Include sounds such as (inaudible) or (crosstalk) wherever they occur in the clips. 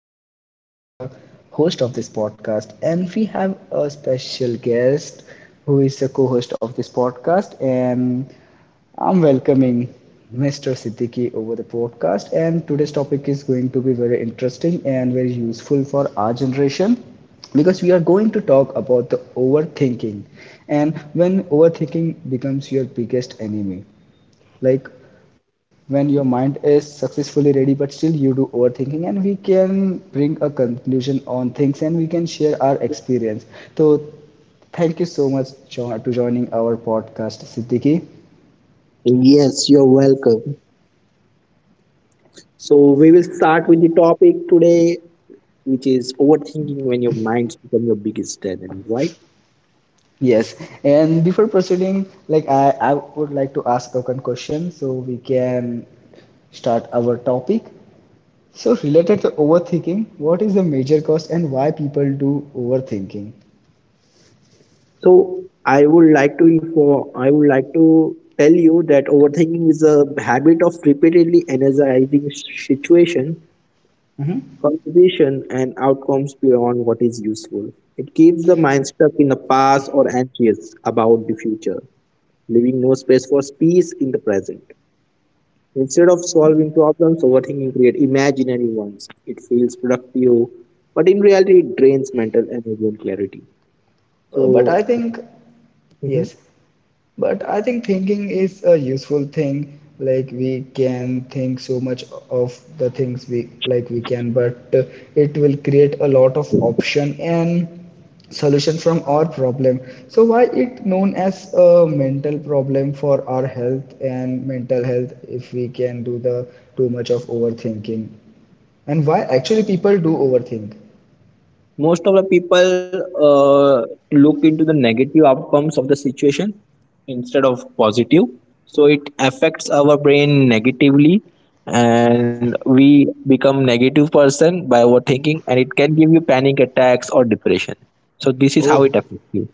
Frank. I'm the host of this podcast, and we have a special guest who is the co-host of this podcast, and I'm welcoming Mr. Siddiqui over the podcast. And today's topic is going to be very interesting and very useful for our generation because we are going to talk about the overthinking and when overthinking becomes your biggest enemy, like when your mind is successfully ready but still you do overthinking and we can bring a conclusion on things and we can share our experience. so Thank you so much to joining our podcast, Siddiqui. Yes, you're welcome. So we will start with the topic today, which is overthinking when your minds become your biggest enemy, right? Yes. And before proceeding, I would like to ask a question so we can start our topic. So related to overthinking, what is the major cause and why people do overthinking? So I would like to tell you that overthinking is a habit of repeatedly analyzing situation, composition, and outcomes beyond what is useful. It keeps the mind stuck in the past or anxious about the future, leaving no space for peace in the present. Instead of solving problems, overthinking creates imaginary ones. It feels productive, but in reality, it drains mental energy and clarity. But So, I think. Yes. mhm. But I think thinking is a useful thing. Like we can think so much of the things we like, we can, but it will create a lot of option and solution from our problem. So why it known as a mental problem for our health and mental health if we can do the too much of overthinking, and why actually people do overthink? Most of the people uh, look into the negative outcomes of the situation instead of positive. So it affects our brain negatively, and we become negative person by overthinking, and it can give you panic attacks or depression. So this is how Oh, it affects you.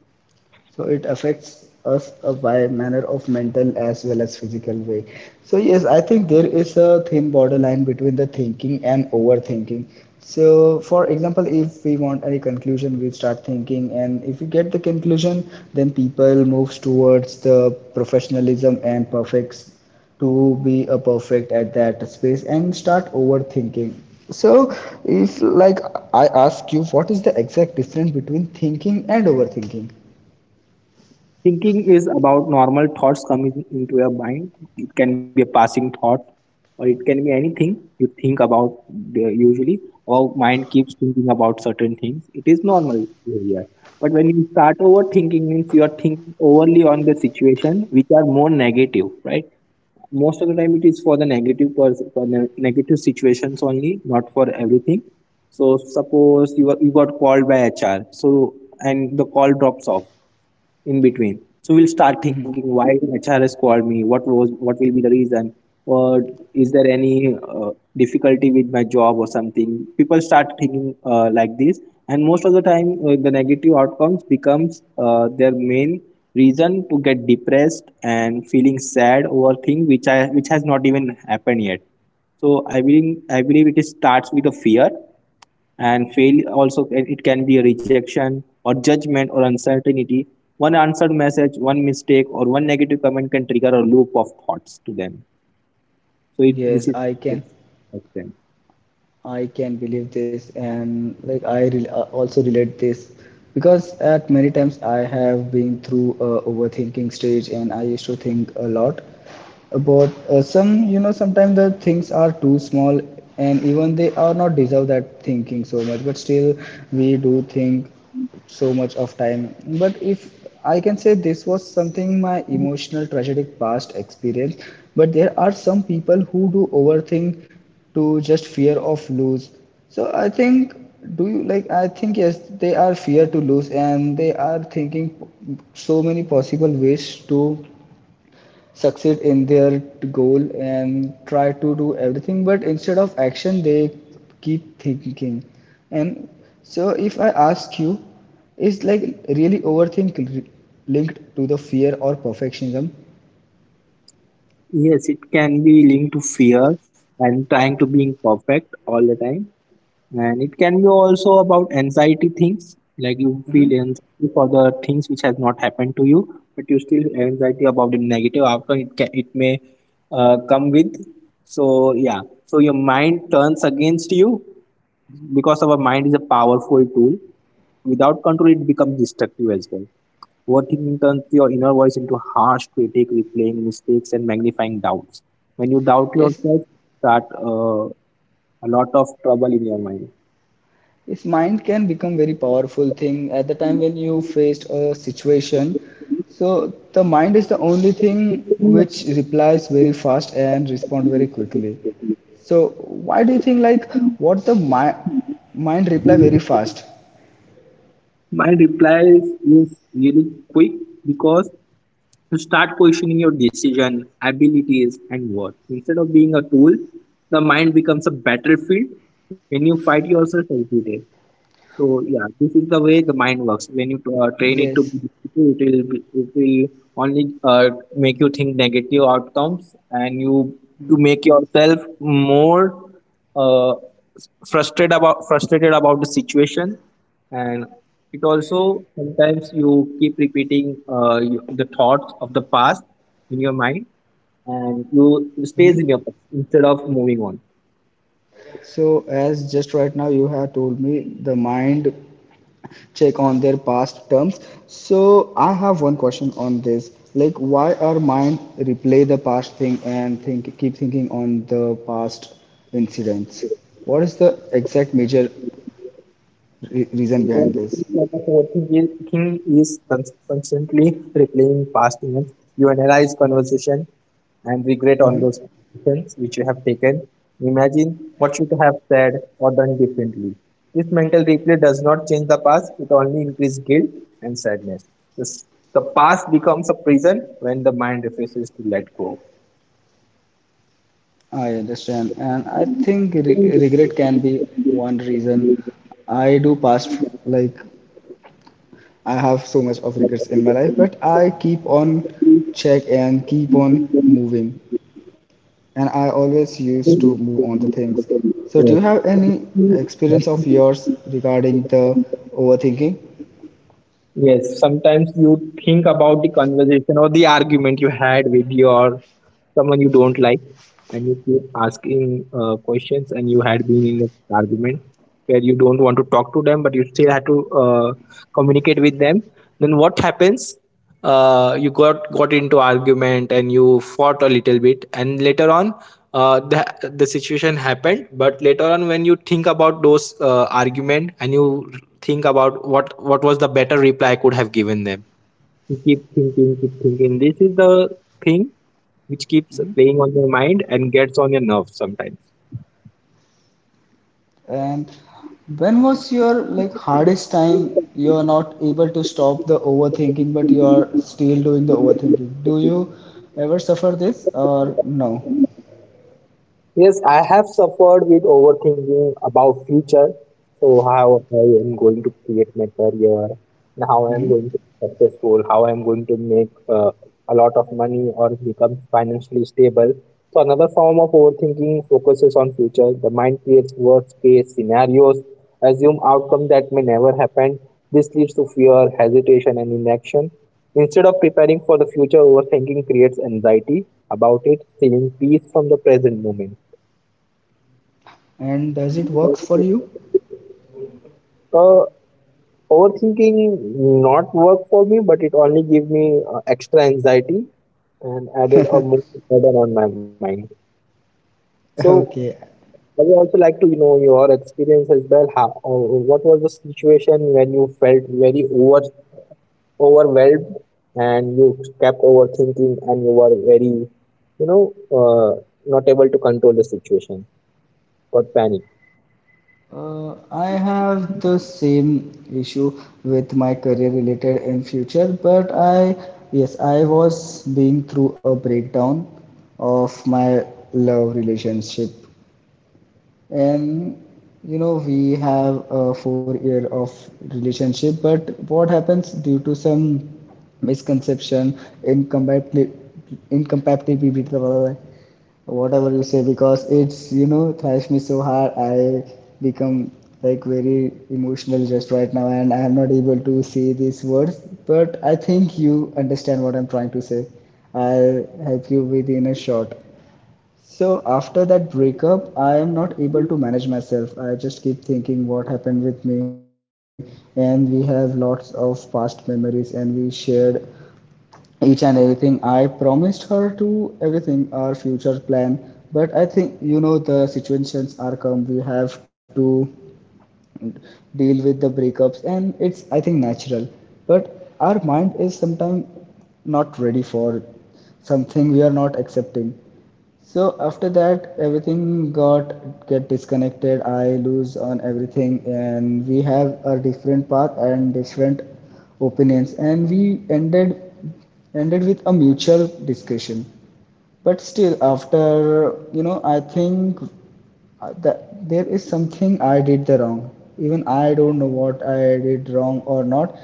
so it affects us by manner of mental as well as physical way. So yes, I think there is a thin borderline between the thinking and overthinking. So for example, if we want any conclusion we start thinking, and if we get the conclusion, then people moves towards the professionalism and perfects to be a perfect at that space and start overthinking. so if I ask you, what is the exact difference between thinking and overthinking? Thinking is about normal thoughts coming into your mind. It can be a passing thought, or it can be anything you think about. Usually, our mind keeps thinking about certain things. It is normal behavior. But when you start overthinking, means you are thinking overly on the situation, which are more negative, right? Most of the time it is for the for the negative situations only, not for everything. So suppose you got called by HR, so and the call drops off in between, so we'll start thinking, why HR has called me, what will be the reason? Or is there any difficulty with my job or something. People start thinking like this, and most of the time the negative outcomes becomes their main reason to get depressed and feeling sad over things which has not even happened yet. So I believe it is starts with a fear and fail also. It can be a rejection or judgment or uncertainty. One answered message, one mistake, or one negative comment can trigger a loop of thoughts to them. So this Yes, is affect them. I can believe this, and like I re also relate this because at many times I have been through a overthinking stage, and I used to think a lot about some, you know, sometimes the things are too small, and even they are not deserve that thinking so much, but still we do think so much of time. But if I can say this was something my emotional tragic past experience, but there are some people who do overthink to just fear of lose. So I think, do you like I think yes, they are fear to lose, and they are thinking so many possible ways to succeed in their goal and try to do everything, but instead of action they keep thinking. And so if I ask you, is like really overthink linked to the fear or perfectionism? Yes, it can be linked to fear and trying to being perfect all the time. And it can be also about anxiety things, like you Mhm. feel anxiety for the things which has not happened to you, but you still anxiety about the negative outcome it can, it may come with. So yeah, so your mind turns against you because our mind is a powerful tool. Without control, it becomes destructive as well. Overthinking turns your inner voice into a harsh critic, replaying mistakes and magnifying doubts. When you doubt Yes. yourself, start a lot of trouble in your mind. Yes, mind can become very powerful thing at the time when you faced a situation. So the mind is the only thing which replies very fast and respond very quickly. So why do you think what the mind reply very fast? My reply is really quick because you start questioning your decision, abilities, and worth. Instead of being a tool, the mind becomes a battlefield when you fight yourself every day. So yeah, this is the way the mind works. When you train it to Yes. be negative, it will only make you think negative outcomes, and you to make yourself more uh, frustrated about the situation. And it also sometimes you keep repeating the thoughts of the past in your mind, and you, it stays Mhm. in your mind instead of moving on. So as just right now you have told me the mind check on their past terms. So I have one question on this. Like, why our mind replay the past thing and think keep thinking on the past incidents? What is the exact major reason behind this? Overthinking thinking is constantly replaying past events. You analyze conversation and regret on Hmm. those decisions which you have taken. Imagine what you could have said or done differently. This mental replay does not change the past; it only increases guilt and sadness. This, the past becomes a prison when the mind refuses to let go. I understand, and I think regret can be one reason. I do past, like I have so much of regrets in my life, but I keep on check and keep on moving. And I always used to move on the things. So, do you have any experience of yours regarding the overthinking? Yes, sometimes you think about the conversation or the argument you had with your someone you don't like, and you keep asking questions, and you had been in an argument where you don't want to talk to them, but you still had to communicate with them. Then what happens? You got into argument and you fought a little bit, and later on the situation happened. But later on, when you think about those argument, and you think about what was the better reply I could have given them, you keep thinking, keep thinking. This is the thing which keeps playing on your mind and gets on your nerves sometimes. And when was your hardest time you are not able to stop the overthinking, but you are still doing the overthinking? Do you ever suffer this or no? Yes, I have suffered with overthinking about future. So how I am going to create my career, and how I am Mhm. going to be successful, how I am going to make a lot of money or become financially stable. So another form of overthinking focuses on future. The mind creates worst case scenarios, assume outcome that may never happen. This leads to fear, hesitation, and inaction. Instead of preparing for the future, overthinking creates anxiety about it, stealing peace from the present moment. And does it works for you? Uh, Overthinking not work for me, but it only gave me extra anxiety and added a more burden on my mind. So (laughs) Okay. I would also like to you know your experience as well. How, what was the situation when you felt very over overwhelmed and you kept overthinking and you were very, you know, not able to control the situation or panic? I have the same issue with my career related in future, but yes, I was being through a breakdown of my love relationship. And you know, we have a 4 year of relationship, but what happens due to some misconception, incompatibility, incompatibility, whatever you say, because it's, thrash me so hard, I become like very emotional just right now, and I am not able to say these words. But I think you understand what I'm trying to say. I'll help you within a short. So after that breakup, I am not able to manage myself. I just keep thinking what happened with me, and we have lots of past memories, and we shared each and everything. I promised her to everything, our future plan. But I think you know the situations are come. We have to deal with the breakups, and it's I think natural. But our mind is sometimes not ready for something we are not accepting. So after that, everything got get disconnected. I lose on everything, and we have a different path and different opinions, and we ended with a mutual discussion. But still, after, you know, I think that there is something I did the wrong. Even I don't know what I did wrong or not.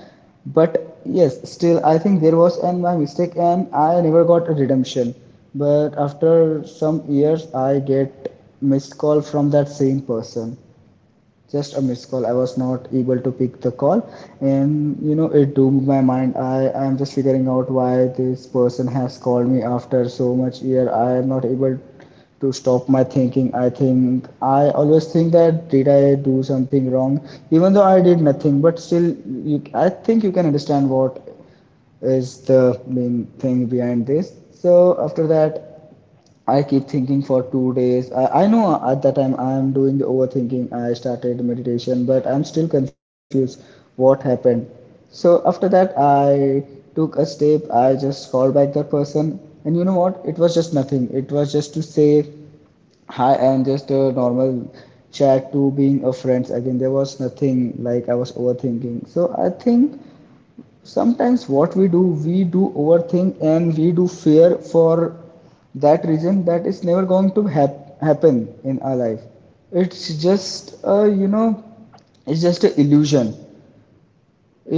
But yes, still, I think there was an my mistake, and I never got a redemption. But after some years, I get missed call from that same person, just a missed call. I was not able to pick the call, and you know it doomed my mind. I'm just figuring out why this person has called me after so much year. I am not able to stop my thinking. I think I always think, that did I do something wrong, even though I did nothing. But still I think you can understand what is the main thing behind this. So after that, I keep thinking for 2 days. I know at that time I am doing the overthinking. I started meditation, but I'm still confused what happened. So after that, I took a step. I just called back that person, and you know what? It was just nothing. It was just to say hi and just a normal chat to being a friends again. There was nothing like I was overthinking. So I think sometimes what we do overthink, and we do fear for that reason that is never going to happen in our life. It's just a, you know, it's just an illusion.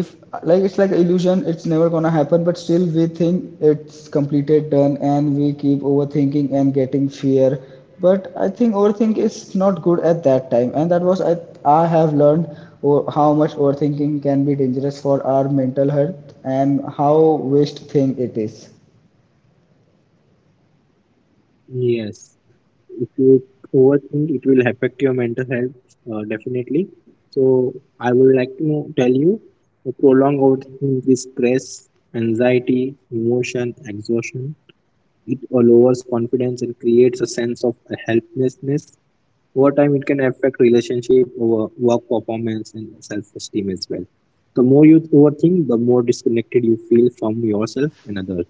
If it's like illusion, it's never gonna happen, but still we think it's completed done, and we keep overthinking and getting fear. But I think overthink is not good at that time, and that was I have learned how much overthinking can be dangerous for our mental health and how waste thing it is. Yes. If you overthink, it will affect your mental health definitely. So I would like to tell you, the prolonged overthinking increases stress, anxiety, emotion, exhaustion. It lowers confidence and creates a sense of helplessness. Over time, it can affect relationship, over work performance, and self-esteem as well. The more you overthink, the more disconnected you feel from yourself and others.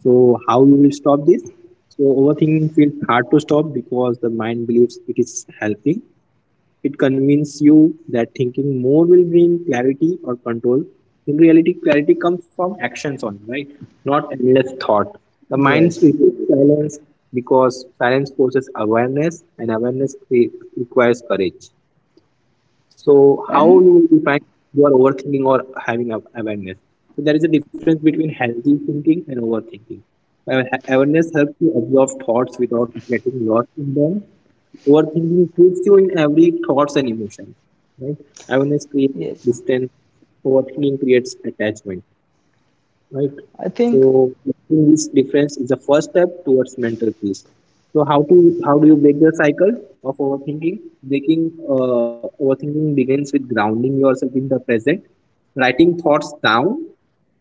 So how you will stop this? So overthinking feels hard to stop because the mind believes it is helping. It convinces you that thinking more will bring clarity or control. In reality, clarity comes from actions only, right? Not endless thought. The mind Yes. switches silence because silence forces awareness, and awareness requires courage. So how you will define you are overthinking or having awareness? So there is a difference between healthy thinking and overthinking. Awareness helps you absorb thoughts without getting lost in them. Overthinking keeps you in every thoughts and emotion. Right? Awareness creates Yes. distance. Overthinking creates attachment, right? I think. So making this difference is the first step towards mental peace. So how to how do you break the cycle of overthinking? Breaking overthinking begins with grounding yourself in the present, writing thoughts down,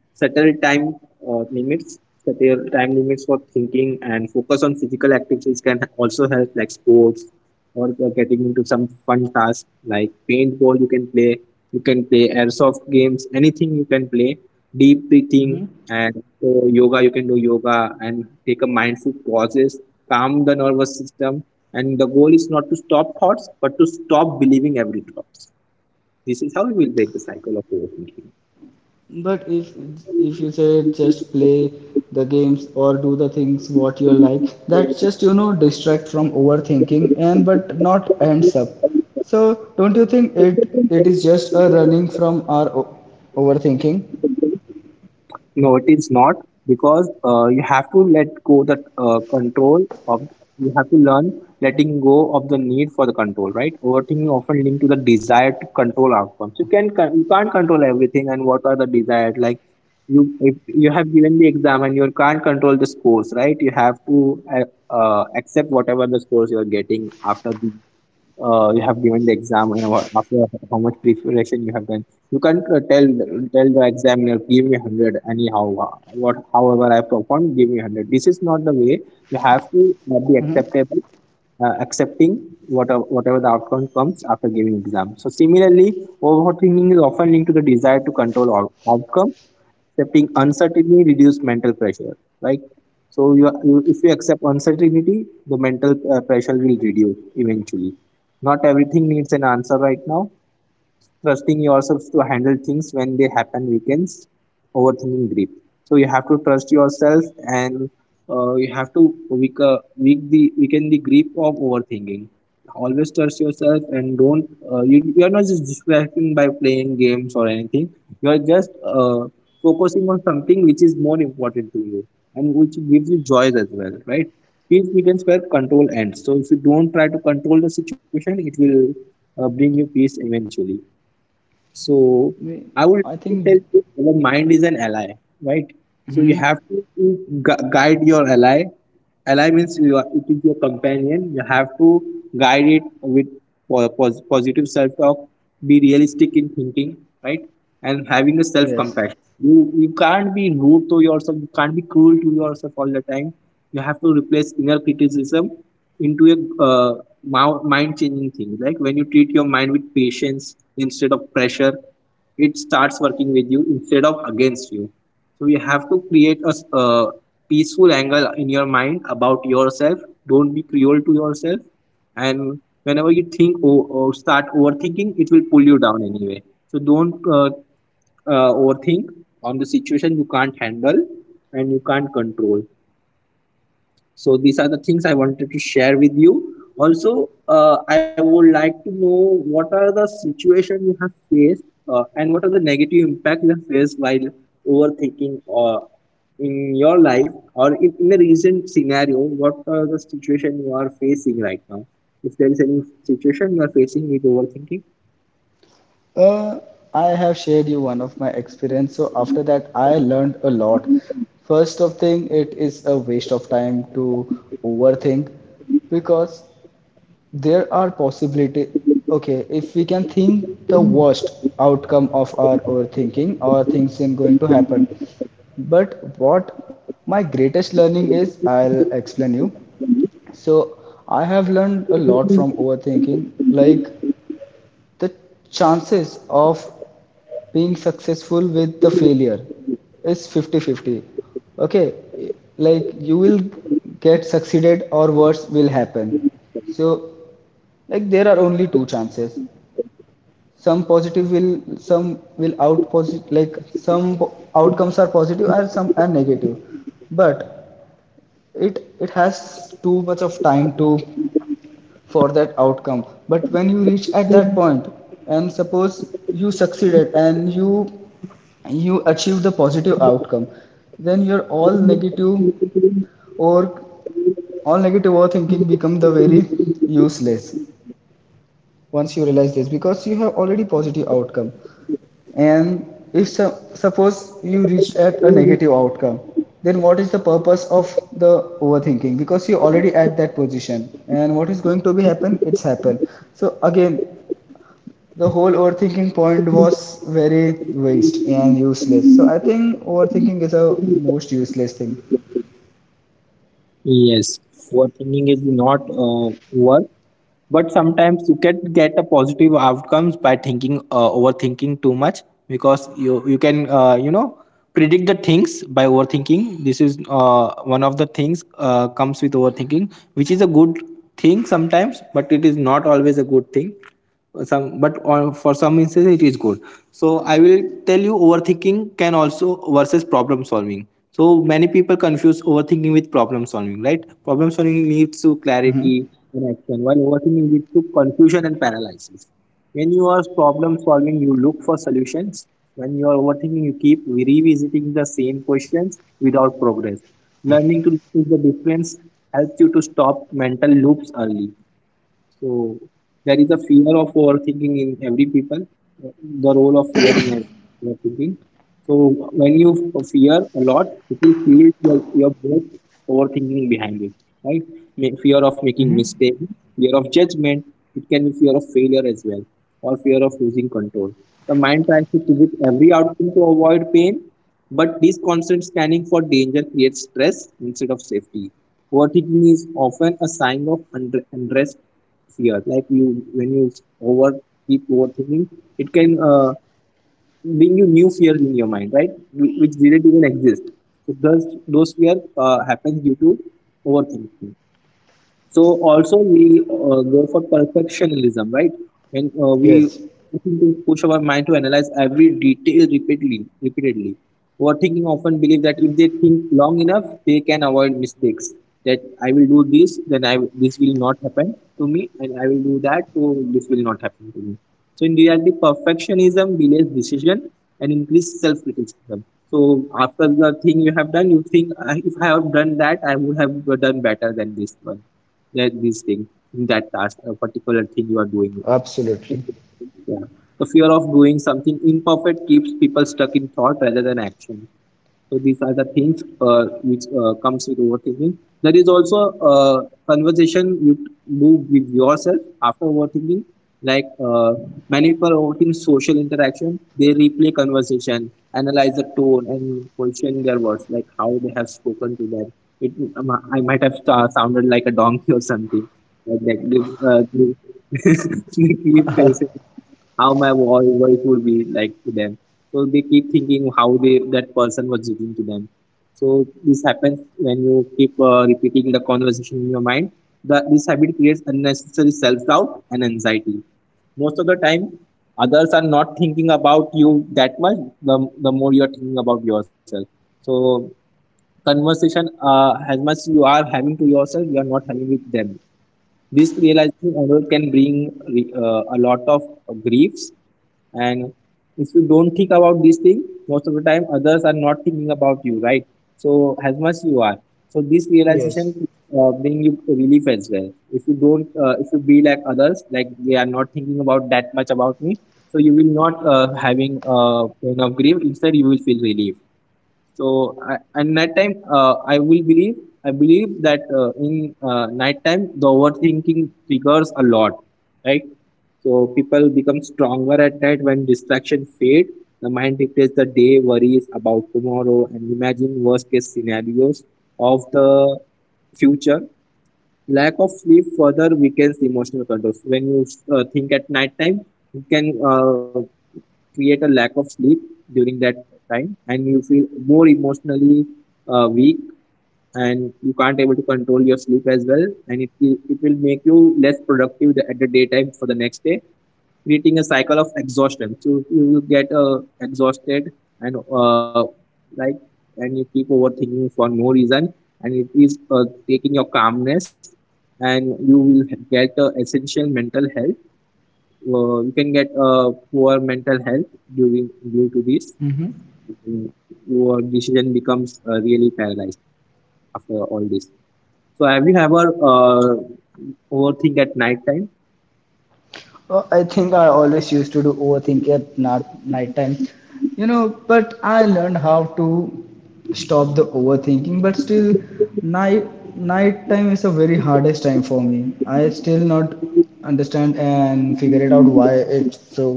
settle time uh, limits, settle time limits for thinking, and focus on physical activities can also help, like sports or getting into some fun tasks like paintball. You can play airsoft games, anything you can play, deep breathing, and so yoga, you can do yoga and take a mindful pauses, calm the nervous system. And the goal is not to stop thoughts but to stop believing every thought. This is how we will break the cycle of overthinking. But if you say just play the games or do the things what you like, that's just, you know, distract from overthinking, and but not ends up. So don't you think it is just a running from our overthinking? No, it is not, because you have to let go the control of. You have to learn letting go of the need for the control, right? Overthinking often linked to the desire to control outcomes. You can you can't control everything, and what are the desired? Like you, if you have given the exam and you can't control the scores, right? You have to uh, accept whatever the scores you are getting after the you have given the exam, and what, after how much preparation you have done. You can't tell the examiner, give me 100 anyhow. What however I performed, give me 100. This is not the way. You have to be Mhm. acceptable, accepting whatever the outcome comes after giving exam. So similarly, overthinking is often linked to the desire to control outcome. Accepting uncertainty reduce mental pressure, right? So you, if you accept uncertainty, the mental pressure will reduce eventually. Not everything needs an answer right now. Trusting yourselves to handle things when they happen weakens overthinking grip. So you have to trust yourself and you have to weak, weak the weaken the grip of overthinking. Always trust yourself and don't you are not just distracting by playing games or anything. You are just focusing on something which is more important to you and which gives you joy as well, right? Peace begins where control ends. So if you don't try to control the situation, it will bring you peace eventually. So We- I would like I to tell think. you, your mind is an ally, right? So you Mhm. have to guide your ally. Ally means you are, it is your companion. You have to guide it with positive self-talk. Be realistic in thinking, right? And having a self Yes. compassion. You can't be rude to yourself, you can't be cruel to yourself all the time. You have to replace inner criticism into a mind changing thing. Like when you treat your mind with patience instead of pressure, it starts working with you instead of against you. So you have to create a peaceful angle in your mind about yourself. Don't be cruel to yourself. And whenever you think or start overthinking, it will pull you down anyway, so don't overthink on the situation you can't handle and you can't control. So these are the things I wanted to share with you. Also, I would like to know what are the situation you have faced, and what are the negative impact you have faced while overthinking uh, in your life, or in a recent scenario, what are the situation you are facing right now, if there is any situation you are facing with overthinking. Uh, I have shared you one of my experience. So after that, I learned a lot. First of thing, it is a waste of time to overthink, because there are possibility. Okay, if we can think the worst outcome of our overthinking or things in going to happen. But what my greatest learning is, I'll explain you. So I have learned a lot from overthinking. Like, the chances of being successful with the failure is 50-50. Okay, like you will get succeeded or worse will happen. So, like, there are only two chances. Some positive will, some will out positive, like, some outcomes are positive and some are negative. But it has too much of time to for that outcome. But when you reach at that point, and suppose you succeeded, and you achieve the positive outcome, then your all negative or all negative overthinking become the very useless once you realize this, because you have already positive outcome. And if suppose you reached at a negative outcome, then what is the purpose of the overthinking? Because you're already at that position, and what is going to be happen? It's happen. So again, the whole overthinking point was very waste and useless. So I think overthinking is a most useless thing. Yes, overthinking is not work, but sometimes you can get a positive outcomes by thinking overthinking too much, because you can, you know, predict the things by overthinking. This is one of the things comes with overthinking, which is a good thing sometimes, but it is not always a good thing. Some but on, for some instances it is good. So I will tell you overthinking can also versus problem solving. So many people confuse overthinking with problem solving, right? Problem solving leads to Hmm. clarity and action, while overthinking leads to confusion and paralysis. When you are problem solving, you look for solutions. When you are overthinking, you keep revisiting the same questions without progress. Learning to notice the difference helps you to stop mental loops early. So there is a fear of overthinking in every people, the role of fear in overthinking. So when you fear a lot, it will feel your both overthinking behind it, right? Fear of making mistake, fear of judgment, it can be fear of failure as well, or fear of losing control. The mind tries to predict every outcome to avoid pain, but this constant scanning for danger creates stress instead of safety. Overthinking is often a sign of unrest fear. Like you, when you over keep overthinking, it can bring you new fears in your mind, right? Which didn't even exist. So those fear happens due to overthinking. So also we go for perfectionism, right? And we Yes, push our mind to analyze every detail repeatedly. Repeatedly, overthinking often believe that if they think long enough, they can avoid mistakes. That I will do this, then this will not happen to me, and I will do that, so this will not happen to me. So in reality, perfectionism delays decision and increases self-criticism. So after the thing you have done, you think, If I have done that, I would have done better than this one, that this thing, that task, a particular thing you are doing." absolutely. Yeah, the fear of doing something imperfect keeps people stuck in thought rather than action. So these are the things which comes with overthinking. There is also a conversation you do with yourself after overthinking. Like many people overthink social interaction, they replay conversation, analyze the tone and question their words, like how they have spoken to them. It I might have sounded like a donkey or something. Like that, they (laughs) they keep saying how my voice would be like to them. So they keep thinking how they that person was judging to them. So this happens when you keep repeating the conversation in your mind. This habit creates unnecessary self doubt and anxiety. Most of the time, others are not thinking about you that much. The more you are thinking about yourself. So conversation as much you are having to yourself, you are not having with them. This realization error can bring a lot of griefs. And if you don't think about this thing, most of the time others are not thinking about you, right? So as much you are, so this Yes. realization bring you relief as well. If you don't if you be like others, like they are not thinking about that much about me, so you will not having pain of grief, instead you will feel relief. So I, and night time, I will believe I believe that in night time, the overthinking triggers a lot, right? So people become stronger at night when distraction fade. The mind replays the day, worries about tomorrow and imagine worst case scenarios of the future. Lack of sleep further weakens emotional controls. When you think at night time, you can create a lack of sleep during that time, and you feel more emotionally weak, and you can't able to control your sleep as well, and it will make you less productive at the daytime for the next day, creating a cycle of exhaustion. So you will get exhausted, and like, and you keep overthinking for no reason, and it is taking your calmness, and you will get essential mental health, you can get poor mental health during due to this. Hmm. Your decision becomes really paralyzed after all this. So have you ever overthink at night time? I think I always used to do overthink at not night time, you know. But I learned how to stop the overthinking. But still, night night time is the very hardest time for me. I still not understand and figure it out why it's so.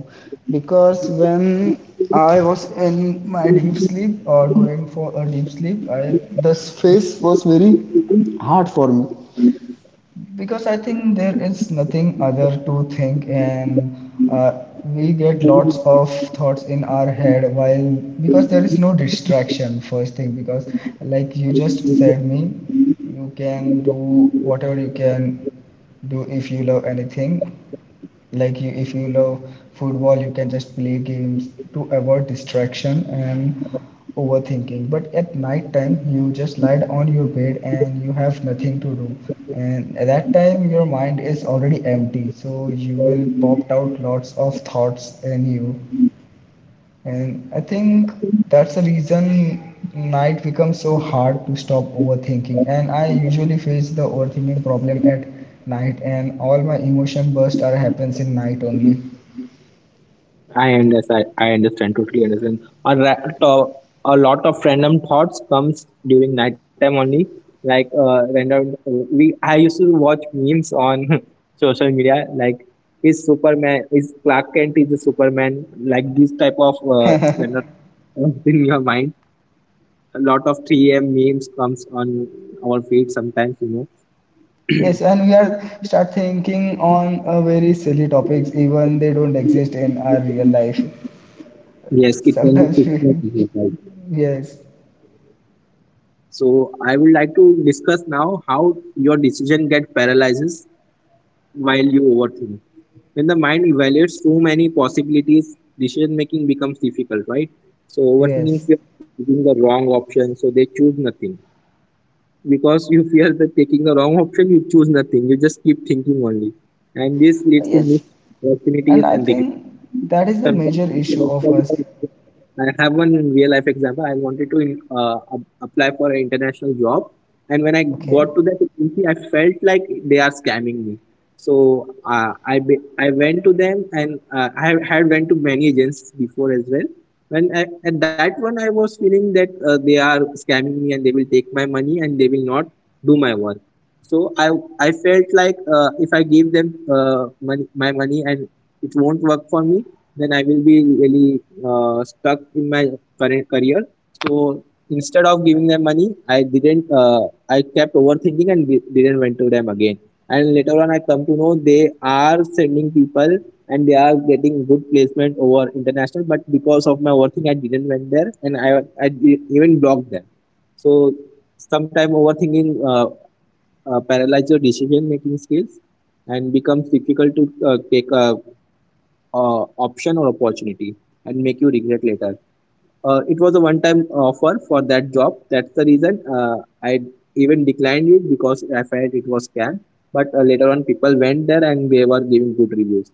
Because when I was in my deep sleep or going for a deep sleep, I the space was very hard for me, because I think there is nothing other to think, and we get lots of thoughts in our head while because there is no distraction. First thing, because like you just said me, you can do whatever you can do if you love anything. Like if you love football, you can just play games to avoid distraction and overthinking. But at night time, you just lie on your bed and you have nothing to do, and at that time your mind is already empty, so you will pop out lots of thoughts in you. And I think that's the reason night becomes so hard to stop overthinking. And I usually face the overthinking problem at night, and all my emotion bursts are happens in night only. I understand. I understand. Totally understand. A, ra- uh, a lot of random thoughts comes during nighttime only. Like random. We I used to watch memes on (laughs) social media. Like is Superman, is Clark Kent is a Superman. Like this type of random thoughts in your mind. A lot of 3 a.m. memes comes on our feed sometimes. You know. Yes, and we are start thinking on a very silly topics, even they don't exist in our real life. Yes, it can be Sometimes we, fictional as well. (laughs) yes, So I would like to discuss now how your decision get paralyzes while you overthink. When the mind evaluates so many possibilities, decision making becomes difficult, right? So yes, overthinking fear choosing the wrong option, so they choose nothing. Because you fear that taking the wrong option, you choose nothing. You just keep thinking only. And this leads to yes, missed and opportunities I and regret. think that is the Sometimes major issue of us. I have one real life example. I wanted to apply for an international job, and when I Okay. got to that agency, I felt like they are scamming me. So I went to them, and had went to many agencies before as well. When I, at that one, I was feeling that they are scamming me, and they will take my money, and they will not do my work. So I felt like if I give them my money and it won't work for me, then I will be really stuck in my current career. So instead of giving them money, I didn't. I kept overthinking and didn't went to them again. And later on, I come to know they are sending people and they are getting good placement over international. But because of my overthinking, I didn't went there, and I even blocked them. So sometimes overthinking paralyzes your decision making skills, and becomes difficult to take a option or opportunity, and make you regret later. It was a one-time offer for that job. That's the reason I even declined it, because I felt it was scam. But later on, people went there and they were giving good reviews.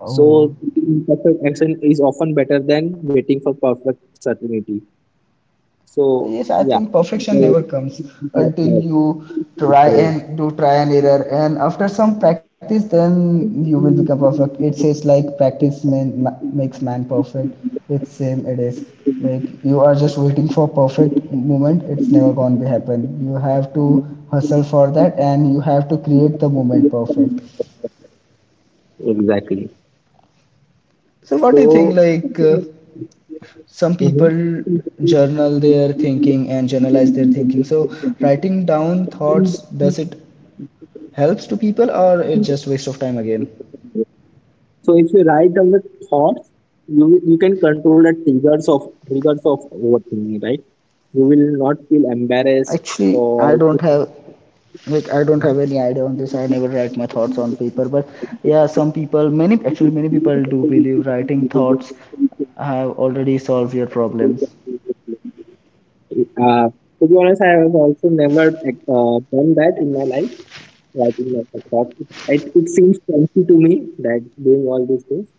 Oh. So imperfect action is often better than waiting for perfect certainty. So Yes, I yeah, think perfection people never comes like until that. you try and do try and error, and after some practice, then you will Okay. become perfect. It says like practice man, makes man perfect. It's same it is like you are just waiting for perfect moment. It's never gonna be happen. You have to hustle for that, and you have to create the moment perfect. Exactly. So what do you think? So. Some Mhm. people journal their thinking and journalize their thinking. So writing down thoughts, does it helps to people or it's just waste of time again? So if you write down the thoughts, you you can control the triggers of overthinking, right? You will not feel embarrassed Actually, or. I don't have any idea on this. I never write my thoughts on paper, but yeah, some people, many actually many people do believe writing thoughts have already solved your problems. Mhm. Uh, to be honest, I have also never like, done that in my life. So I think that's a thought. It seems fancy to me that doing all these things.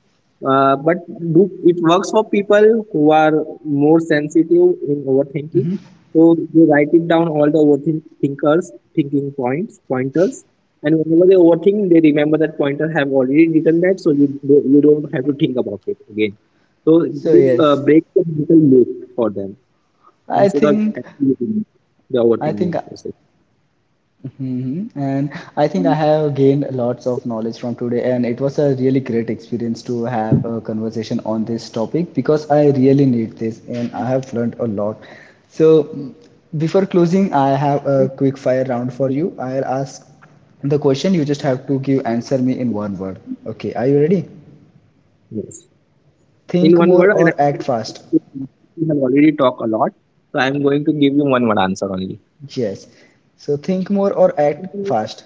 But do, it works for people who are more sensitive in overthinking. So they write it down all the overthinkers, thinking points, pointers. And whenever they overthink, they remember that pointer have already written that, so you don't have to think about it again. So So this yes, breaks the mental loop for them I instead of think. actually doing the I think overthinking process. hmm. And I think I have gained lots of knowledge from today, and it was a really great experience to have a conversation on this topic because I really need this and I have learned a lot. So, before closing, I have a quick fire round for you. I'll ask the question, you just have to give answer me in one word. Okay, are you ready? Yes. In Think one more word, and I or act fast? we have already talked a lot, so I'm going to give you one word answer only. Yes. So, think more or act fast?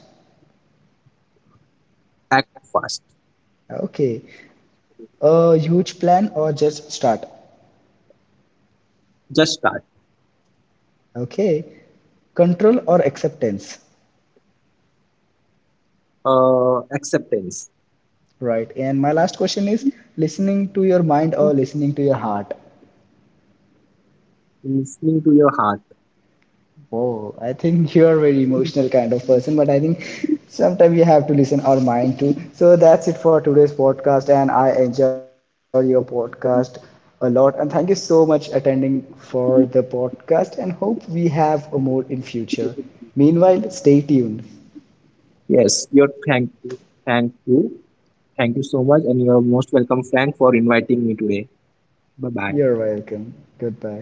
Act fast. Okay. A huge plan or just start? Just start. Okay, control or acceptance, Acceptance. right? And my last question is, listening to your mind or listening to your heart? Listening to your heart. Whoa, I think you are very emotional kind of person, but I think sometimes you have to listen our mind too. So that's it for today's podcast, and I enjoy your podcast a lot. And thank you so much attending for the podcast, and hope we have more in future. Meanwhile, stay tuned. Yes, your thank you, thank you, thank you so much, and you are most welcome, Frank, for inviting me today. Bye You're bye. welcome. Goodbye.